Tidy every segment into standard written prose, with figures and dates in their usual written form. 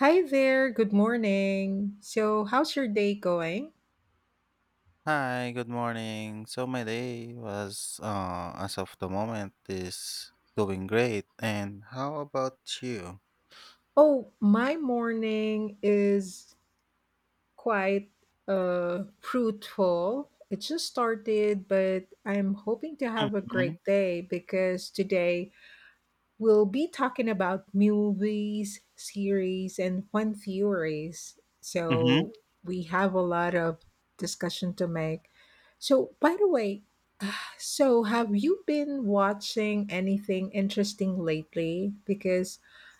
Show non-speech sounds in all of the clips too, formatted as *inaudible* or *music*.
Hi there, good morning. So, how's your day going? Hi, good morning. As of the moment, is doing great. And how about you? Oh, my morning is quite fruitful. It just started, but I'm hoping to have a Mm-hmm. great day because today we'll be talking about movies, series, and fun theories. Mm-hmm. So, we have a lot of discussion to make. So, by the way, have you been watching anything interesting lately? Because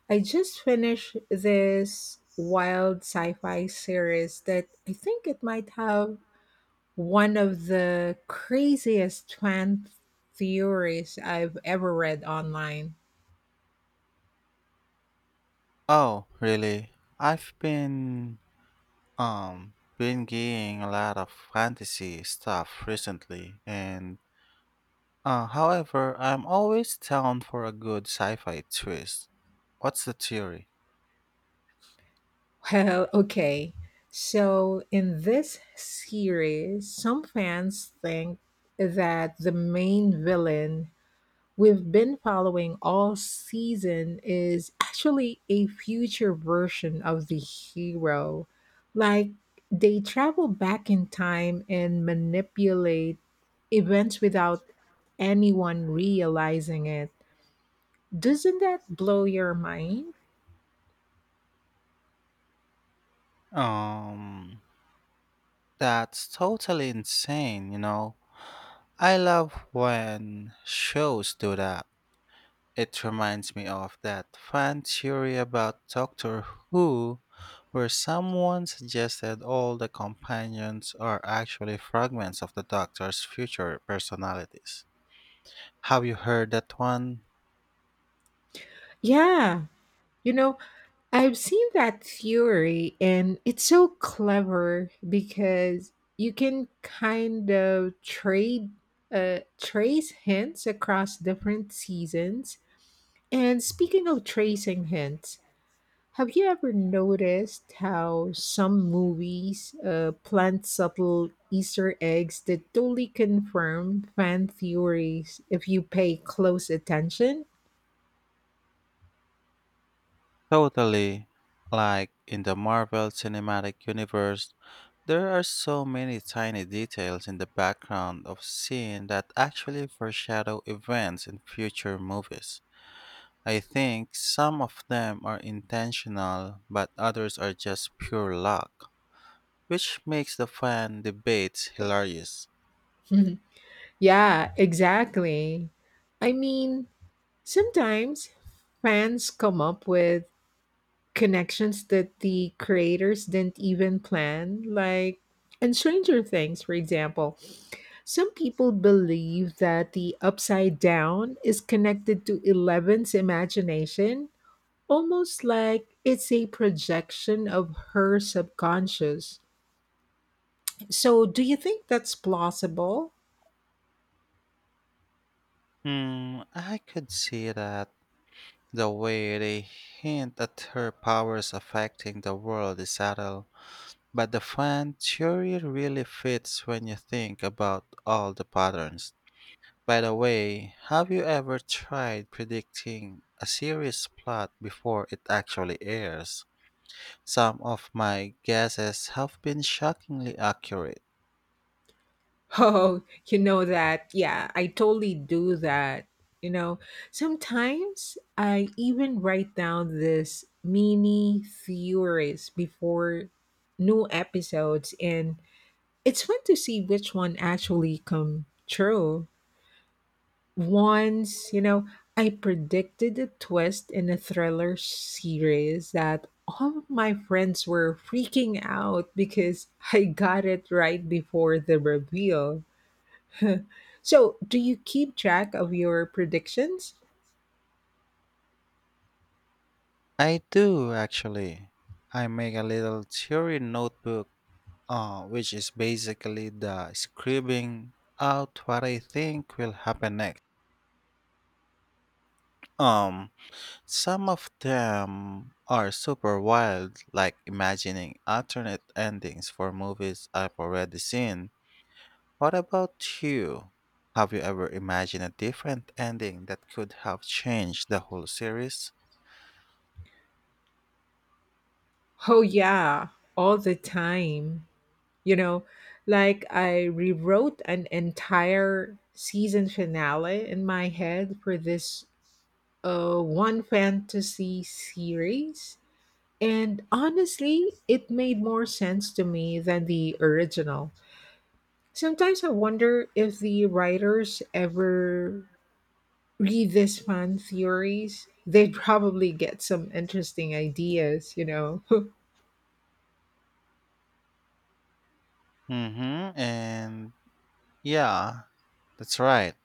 I just finished this wild sci fi series that I think it might have one of the craziest fan theories I've ever read online. Oh, really? I've um been getting a lot of fantasy stuff recently, and however, I'm always down for a good sci-fi twist. What's the theory? Well, okay. So, in this series, some fans think that the main villain we've been following all season is actually a future version of the hero. Like, they travel back in time and manipulate events without anyone realizing it. Doesn't that blow your mind? Um, that's totally insane, you know. I love when shows do that. It reminds me of that fan theory about Doctor Who, where someone suggested all the companions are actually fragments of the Doctor's future personalities. Have you heard that one? Yeah. You know, I've seen that theory and it's so clever because you can kind of trade trace hints across different seasons. And speaking of tracing hints, have you ever noticed how some movies plant subtle Easter eggs that totally confirm fan theories if you pay close attention? Totally. Like in the Marvel Cinematic Universe, there are so many tiny details in the background of scene that actually foreshadow events in future movies. I think some of them are intentional, but others are just pure luck, which makes the fan debates hilarious. *laughs* Yeah, exactly. I mean, sometimes fans come up with connections that the creators didn't even plan, like in Stranger Things, for example. Some people believe that the upside down is connected to Eleven's imagination, almost like it's a projection of her subconscious. So, do you think that's plausible? *laughs* Hmm, I could see that the way they hint at her powers affecting the world is subtle. But the fan theory really fits when you think about all the patterns. By the way, have you ever tried predicting a series plot before it actually airs? Some of my guesses have been shockingly accurate. Oh, you know that. Yeah, I totally do that. You know, sometimes I even write down this mini theories before new episodes and it's fun to see which one actually come true. Once, you know, I predicted a twist in a thriller series that all of my friends were freaking out because *laughs* I got it right before the reveal. *laughs* So, do you keep track of your predictions? I do, actually. I make a little theory notebook, which is basically the scribbling out what I think will happen next. Um, Some of them are super wild, like imagining alternate endings for movies I've already seen. What about you? Have you ever imagined a different ending that could have changed the whole series? Oh, yeah, all the time. You know, like I rewrote an entire season finale in my head for this one fantasy series. And honestly, it made more sense to me than the original. Sometimes I wonder if the writers ever read these fan theories, they'd probably get some interesting ideas, you know. *laughs* Mm-hmm. And yeah, that's right.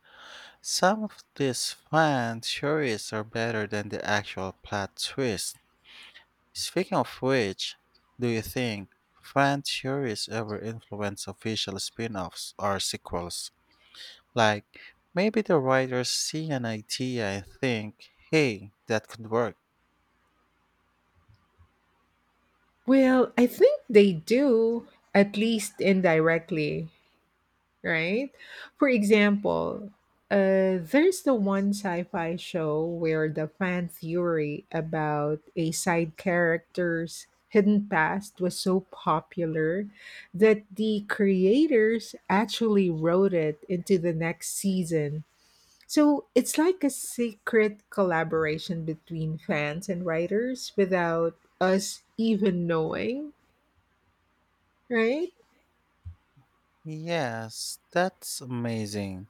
Some of these fan theories are better than the actual plot twist. Speaking of which, do you think fan theories ever influence official spin offs or sequels? Like, maybe the writers see an idea and think, hey, that could work. Well, I think they do, at least indirectly, right? For example, there's the one sci fi show where the fan theory about a side character's hidden past was so popular that the creators actually wrote it into the next season. So it's like a secret collaboration between fans and writers without us even knowing, right? Yes, that's amazing.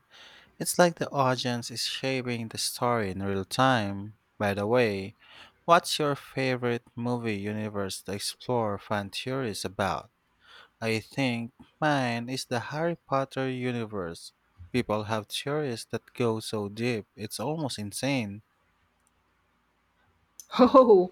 It's like the audience is shaping the story in real time. By the way, what's your favorite movie universe to explore fan theories about? I think mine is the Harry Potter universe. People have theories that go so deep, it's almost insane. *laughs* Oh.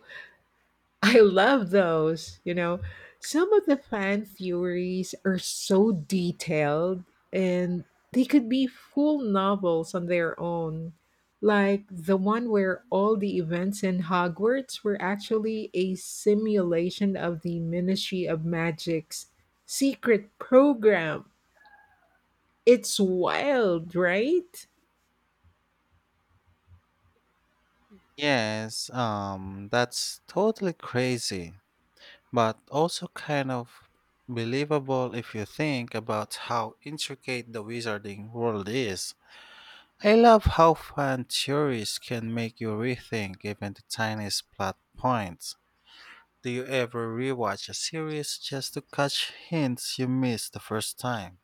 I love those. You know, some of the fan theories are so detailed and they could be full novels on their own. Like the one where all the events in Hogwarts were actually a simulation of the Ministry of Magic's secret program. It's wild, right? Yes, that's totally crazy, but also kind of believable if you think about how intricate the wizarding world is. I love how fan theories can make you rethink even the tiniest plot points. Do you ever rewatch a series just to catch hints you missed the first time?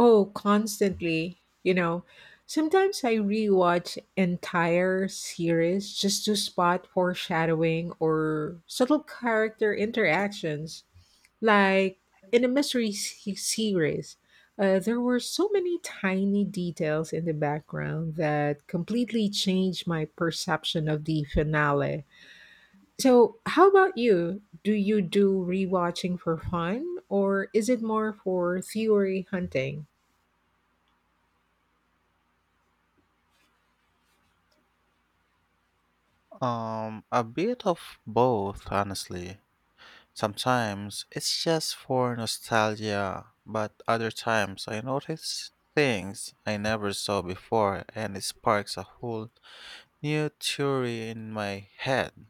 Oh, constantly. You know, sometimes I rewatch entire series just to spot foreshadowing or subtle character interactions. Like in a mystery series, there were so many tiny details in the background that completely changed my perception of the finale. So, how about you? Do you do rewatching for fun, or is it more for theory hunting? A bit of both, honestly. Sometimes it's just for nostalgia, but other times I notice things I never saw before and it sparks a whole new theory in my head.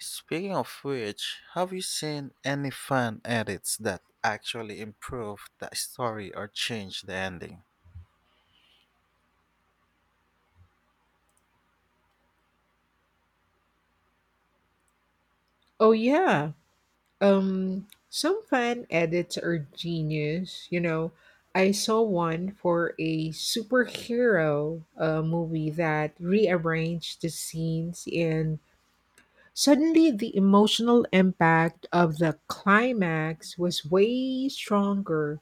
Speaking of which, have you seen any fan edits that actually improve the story or change the ending? Oh yeah. Some fan edits are genius, you know. I saw one for a superhero movie that rearranged the scenes and suddenly the emotional impact of the climax was way stronger.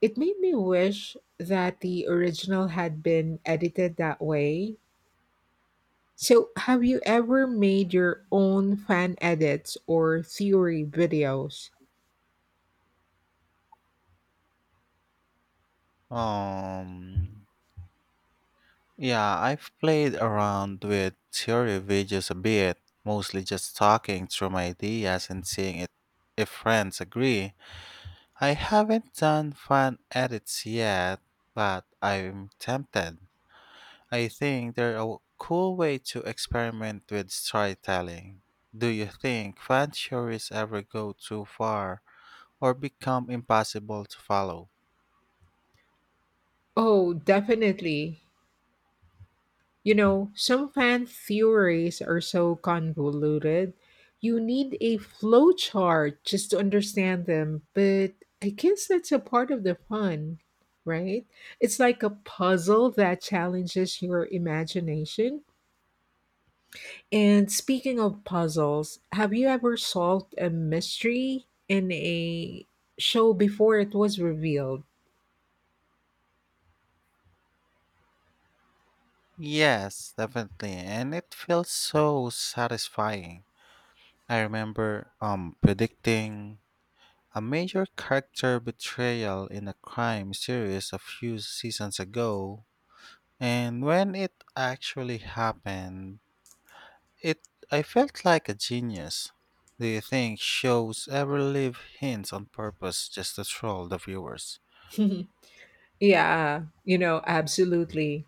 It made me wish that the original had been edited that way. So, have you ever made your own fan edits or theory videos? Um, Yeah, I've played around with theory videos a bit, mostly just talking through my ideas and seeing it if friends agree. I haven't done fan edits yet, but I'm tempted. I think they're a cool way to experiment with storytelling. Do you think fan theories ever go too far or become impossible to follow? Oh, definitely. You know, some fan theories are so convoluted. You need a flowchart just to understand them, but I guess that's a part of the fun, right? It's like a puzzle that challenges your imagination. And speaking of puzzles, have you ever solved a mystery in a show before it was revealed? Yes, definitely, and it feels so satisfying. I remember predicting a major character betrayal in a crime series a few seasons ago, and when it actually happened, it I felt like a genius. Do you think shows ever leave hints on purpose just to troll the viewers? *laughs* Yeah, absolutely.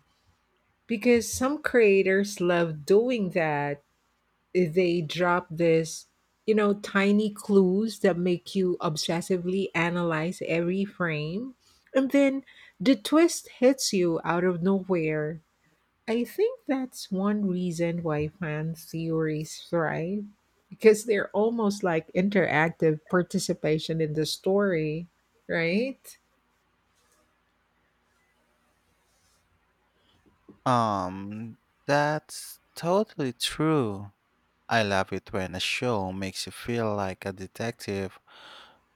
Because some creators love doing that. They drop this tiny clues that make you obsessively analyze every frame, and then the twist hits you out of nowhere. I think that's one reason why fan theories thrive because they're almost like interactive participation in the story, right? Um, that's totally true. I love it when a show makes you feel like a detective.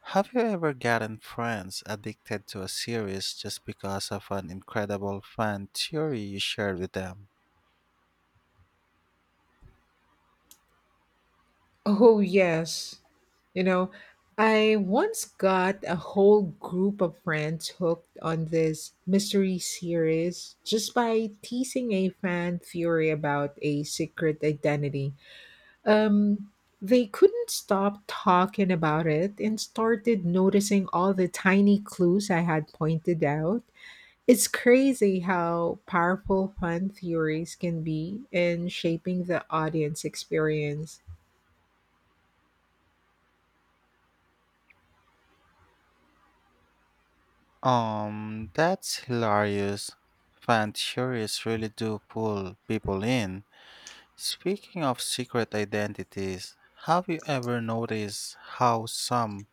Have you ever gotten friends addicted to a series just because of an incredible fan theory you shared with them? Oh, yes. You know, I once got a whole group of friends hooked on this mystery series just by teasing a fan theory about a secret identity. Um, they couldn't stop talking about it and started noticing all the tiny clues I had pointed out. It's crazy how powerful fan theories can be in shaping the audience experience. That's hilarious. Fan theories really do pull people in. Speaking of secret identities, have you ever noticed how some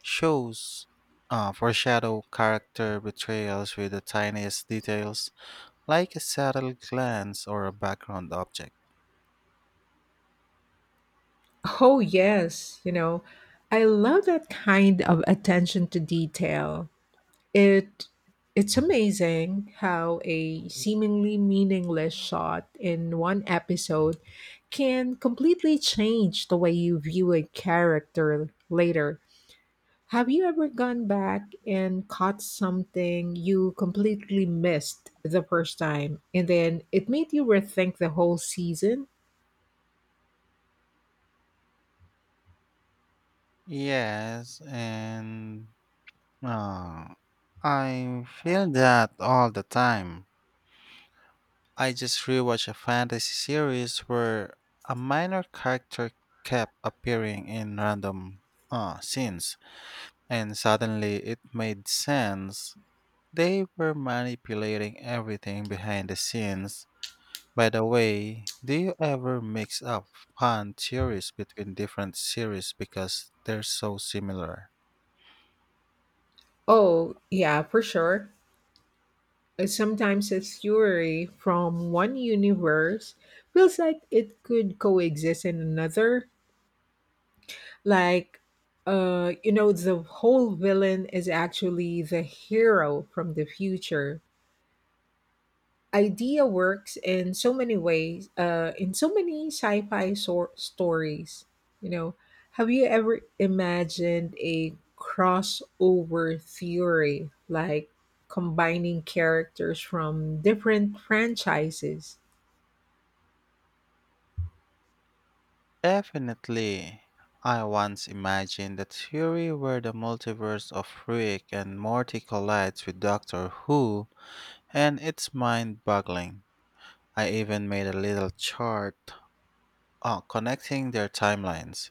shows foreshadow character betrayals with the tiniest details? Like a subtle glance or a background object. Oh, yes. You know, I love that kind of attention to detail. It it's amazing how a seemingly meaningless shot in one episode can completely change the way you view a character later. Have you ever gone back and caught something you completely missed the first time and then it made you rethink the whole season? Yes, and uh, I feel that all the time. I just rewatched a fantasy series where a minor character kept appearing in random scenes, and suddenly it made sense. They were manipulating everything behind the scenes. By the way, do you ever mix up fan theories between different series because they're so similar? Oh, yeah, for sure. Sometimes a theory from one universe feels like it could coexist in another. Like, the whole villain is actually the hero from the future. Idea works in so many ways, in so many sci fi stories. You know, have you ever imagined a crossover theory like combining characters from different franchises? Definitely. I once imagined a theory where the multiverse of Rick and Morty collides with Doctor Who, and it's mind boggling. I even made a little chart connecting their timelines.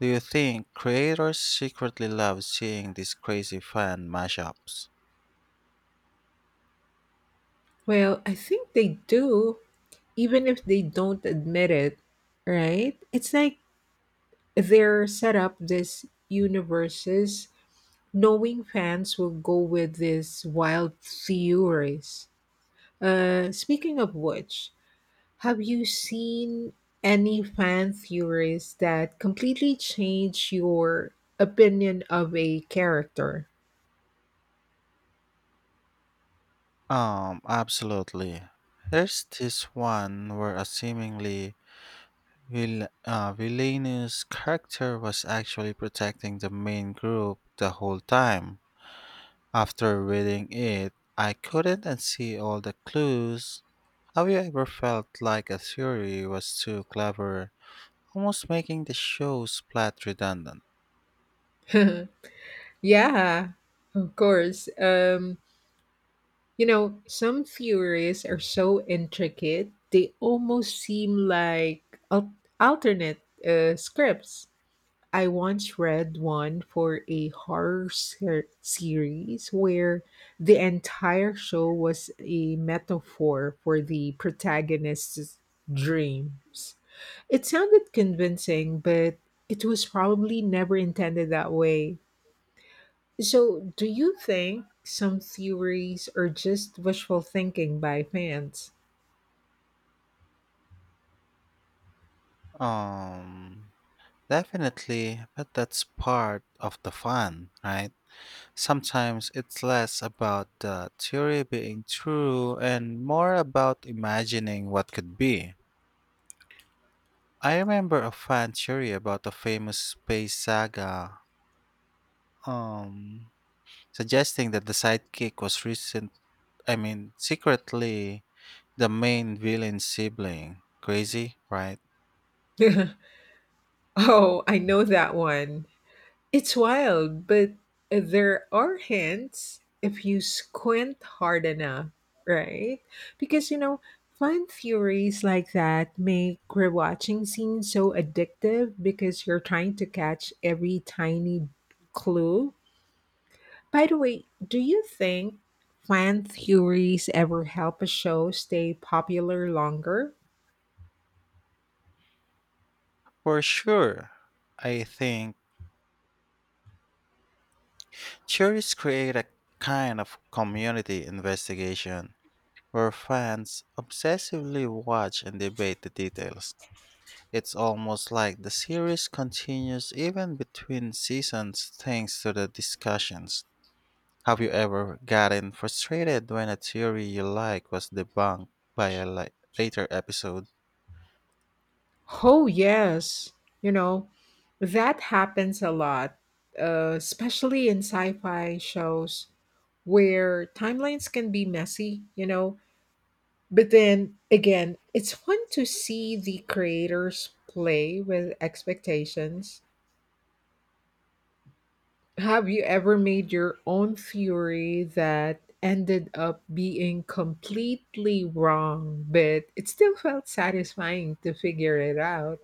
Do you think creators secretly love seeing these crazy fan mashups? Well, I think they do, even if they don't admit it, right? It's like they're set up this universes knowing fans will go with these wild theories. Speaking of which, have you seen any fan theories that completely change your opinion of a character? Absolutely. There's this one where a seemingly villainous character was actually protecting the main group the whole time. After reading it, I couldn't unsee all the clues. Have you ever felt like a theory was too clever, almost making the show's plot redundant? *laughs* Yeah, of course. Some theories are so intricate, they almost seem like al- alternate scripts. I once read one for a horror series where the entire show was a metaphor for the protagonist's dreams. It sounded convincing, but it was probably never intended that way. So, do you think some theories are just wishful thinking by fans? Um, Definitely, but that's part of the fun, right? Sometimes it's less about the theory being true and more about imagining what could be. I remember a fan theory about a famous space saga, um, suggesting that the sidekick was secretly the main villain's sibling. Crazy, right? *laughs* Oh, I know that one. It's wild, but there are hints if you squint hard enough, right? Because, fun theories like that make rewatching scenes so addictive because you're trying to catch every tiny clue. By the way, do you think fan theories ever help a show stay popular longer? For sure. I think theories create a kind of community investigation where fans obsessively watch and debate the details. It's almost like the series continues even between seasons thanks to the discussions. Have you ever gotten frustrated when a theory you like was debunked by a la- later episode? Oh, yes. You know, that happens a lot, especially in sci fi shows where timelines can be messy. But then again, it's fun to see the creators play with expectations. Have you ever made your own theory that ended up being completely wrong, but it still felt satisfying to figure it out?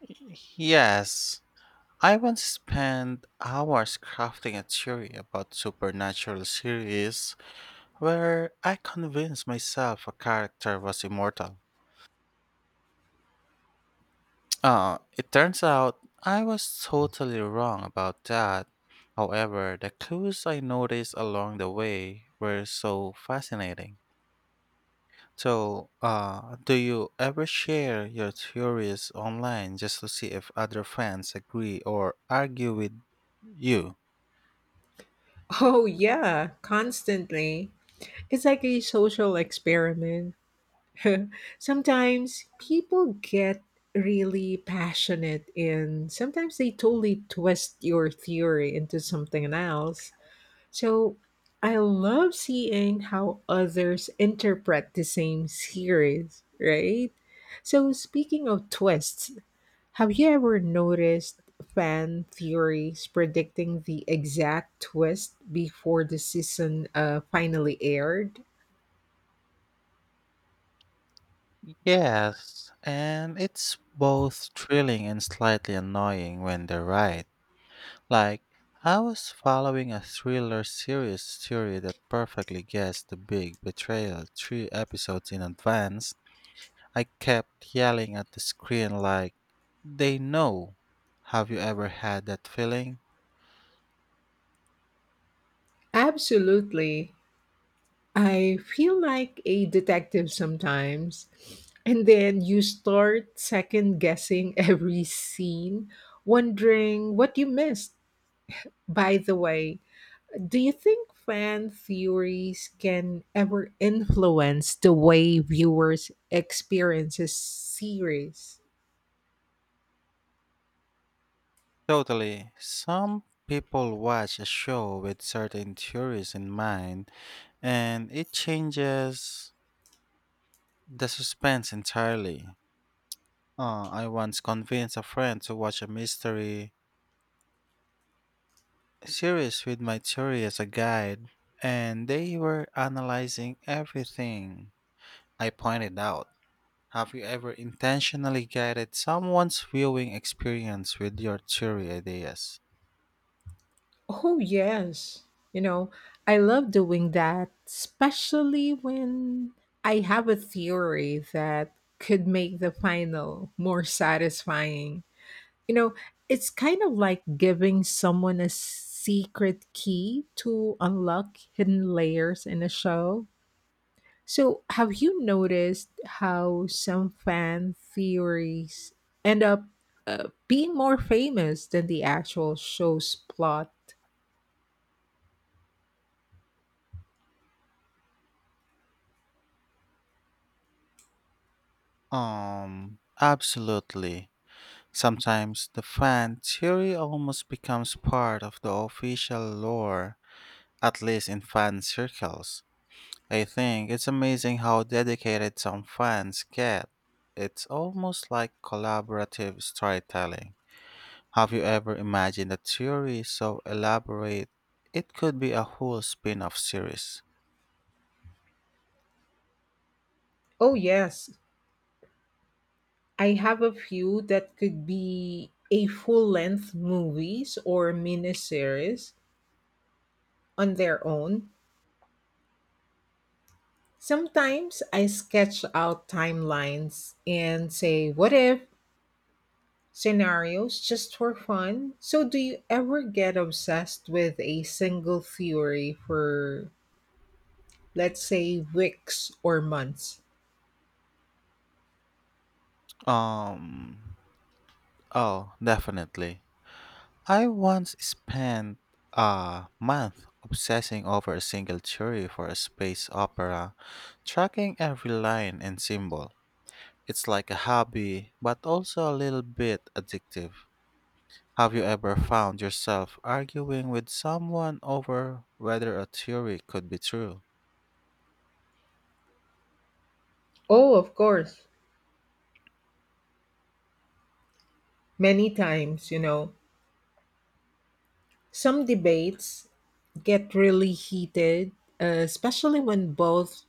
Yes. I once spent hours crafting a theory about supernatural series where I convinced myself a character was immortal. It turns out I was totally wrong about that. However, the clues I noticed along the way were so fascinating. So, do you ever share your theories online just to see if other fans agree or argue with you? Oh, yeah, constantly. It's like a social experiment. *laughs* Sometimes people get really passionate, and sometimes they totally twist your theory into something else. So I love seeing how others interpret the same series, right? So, speaking of twists, have you ever noticed fan theories predicting the exact twist before the season finally aired? Yes, and it's both thrilling and slightly annoying when they're right. Like, I was following a thriller series story that perfectly guessed the big betrayal three episodes in advance. I kept yelling at the screen, like, they know. Have you ever had that feeling? Absolutely. I feel like a detective sometimes. And then you start second guessing *laughs* every scene, wondering what you missed. By the way, do you think fan theories can ever influence the way viewers experiences series? Totally. Some people watch a show with certain theories in mind, and it changes the suspense entirely. I once convinced a friend to watch a mystery series with my theory as a guide, and they were analyzing everything I pointed out. Have you ever intentionally guided someone's viewing experience with your theory ideas? Oh, yes. You know, I love doing that, especially when I have a theory that could make the final more satisfying. You know, it's kind of like giving someone a secret key to unlock hidden layers in a show. So, have you noticed how some fan theories end up being more famous than the actual show's plot? Absolutely. Sometimes the fan theory almost becomes part of the official lore, at least in fan circles. I think it's amazing how dedicated some fans get. It's almost like collaborative storytelling. Have you ever imagined a theory so elaborate it could be a whole spin-off series? Oh, yes. I have a few that could be a full length movies or miniseries on their own. Sometimes I sketch out timelines and say, what if scenarios just for fun? So, do you ever get obsessed with a single theory for, let's say, weeks or months? Um, oh, definitely. I once spent a month obsessing over a single theory for a space opera, tracking every line and symbol. It's like a hobby, but also a little bit addictive. Have you ever found yourself arguing with someone over whether a theory could be true? Oh, of course. Many times, you know. Some debates get really heated, especially when both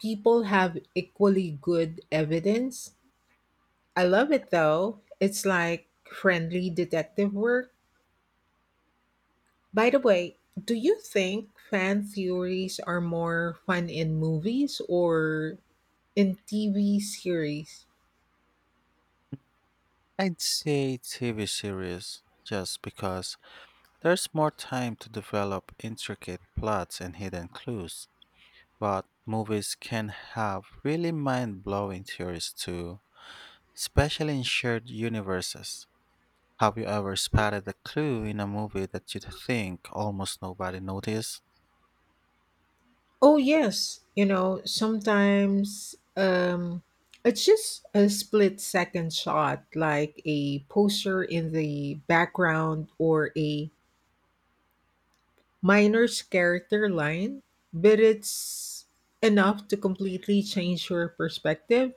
people have equally good evidence. I love it though. It's like friendly detective work. By the way, do you think fan theories are more fun in movies or in TV series? I'd say TV series, just because there's more time to develop intricate plots and hidden clues. But movies can have really mind blowing theories too, especially in shared universes. Have you ever spotted a clue in a movie that you think almost nobody noticed? Oh, yes. You know, sometimes it's just a split second shot, like a poster in the background or a minor's character line, but it's enough to completely change your perspective.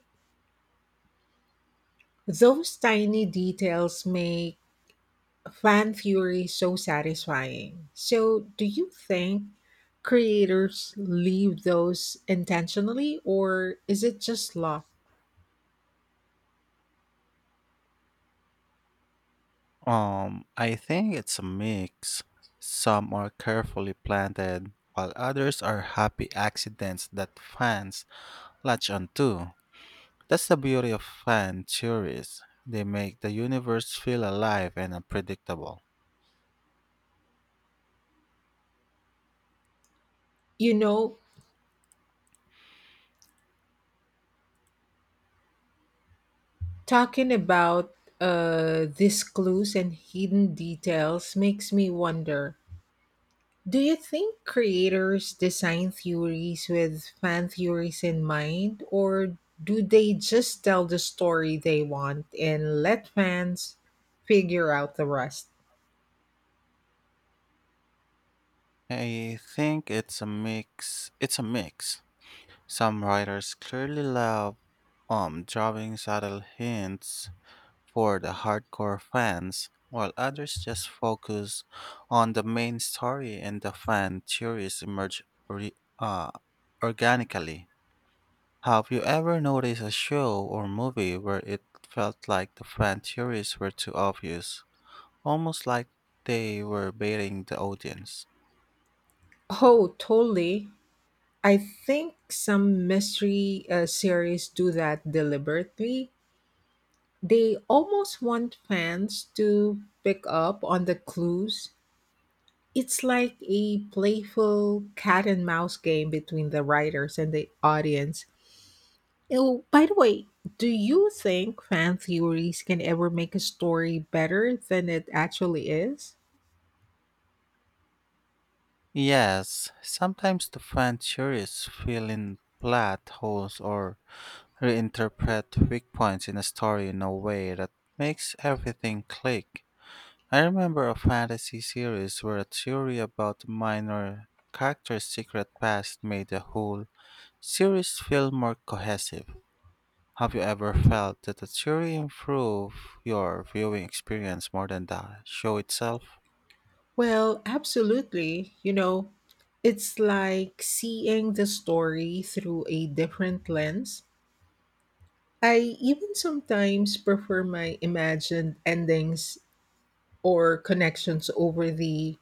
Those tiny details make fan theory so satisfying. So, do you think creators leave those intentionally, or is it just luck? I think it's a mix. Some are carefully planted, while others are happy accidents that fans latch onto. That's the beauty of fan theories. They make the universe feel alive and unpredictable. You know, talking about these clues and hidden details makes me wonder. Do you think creators design theories with fan theories in mind, or do they just tell the story they want and let fans figure out the rest? I think it's a mix. It's a mix. Some writers clearly love drawing subtle hints for the hardcore fans, while others just focus on the main story and the fan theories emerge organically. Have you ever noticed a show or movie where it felt like the fan theories were too obvious, almost like they were baiting the audience? Oh, totally. I think some mystery series do that deliberately. They almost want fans to pick up on the clues. It's like a playful cat and mouse game between the writers and the audience. Oh, by the way, do you think fan theories can ever make a story better than it actually is? Yes, sometimes the fan theories fill in plot holes or reinterpret weak points in a story in a way that makes everything click. I remember a fantasy series where a theory about a minor character's secret past made the whole series feel more cohesive. Have you ever felt that a theory improved your viewing experience more than the show itself? Well, absolutely. You know, it's like seeing the story through a different lens. I even sometimes prefer my imagined endings or connections over the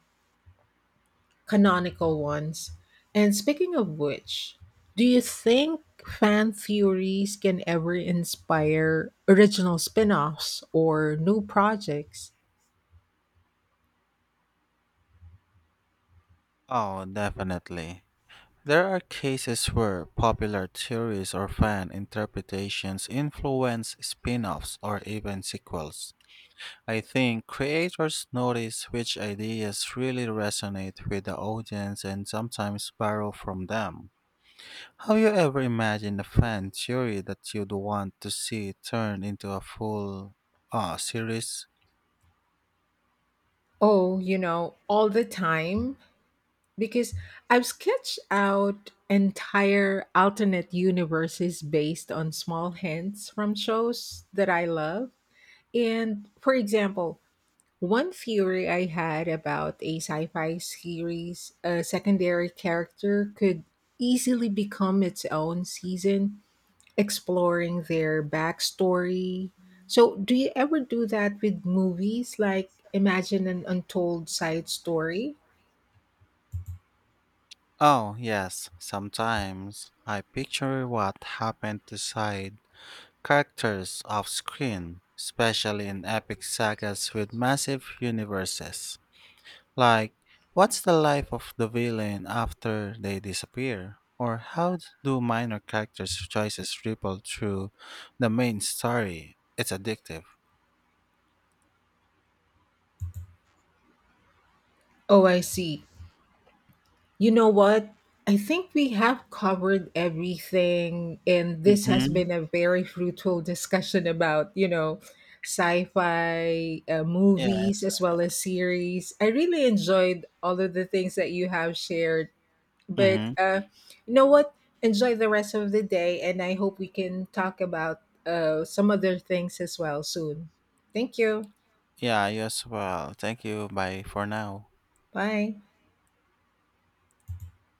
canonical ones. And speaking of which, do you think fan theories can ever inspire original spin offs or new projects? Oh, definitely. There are cases where popular theories or fan interpretations influence spin offs or even sequels. I think creators notice which ideas really resonate with the audience and sometimes borrow from them. Have you ever imagined a fan theory that you'd want to see turned into a full series? Oh, all the time. Because I've sketched out entire alternate universes based on small hints from shows that I love. And for example, one theory I had about a sci fi series, a secondary character could easily become its own season, exploring their backstory. So, do you ever do that with movies? Like, imagine an untold side story? Oh, yes, sometimes. I picture what happened to Side Characters off screen, especially in epic sagas with massive universes. Like, what's the life of the villain after they disappear? Or how do minor characters' choices ripple through the main story? It's addictive. Oh, I see. You know what? I think we have covered everything, and this has Hmm. been a very fruitful discussion about sci fi movies Yes. as well as series. I really enjoyed all of the things that you have shared, but Mm-hmm. You know what? Enjoy the rest of the day, and I hope we can talk about some other things as well soon. Thank you. Yeah, you as well. Thank you. Bye for now. Bye.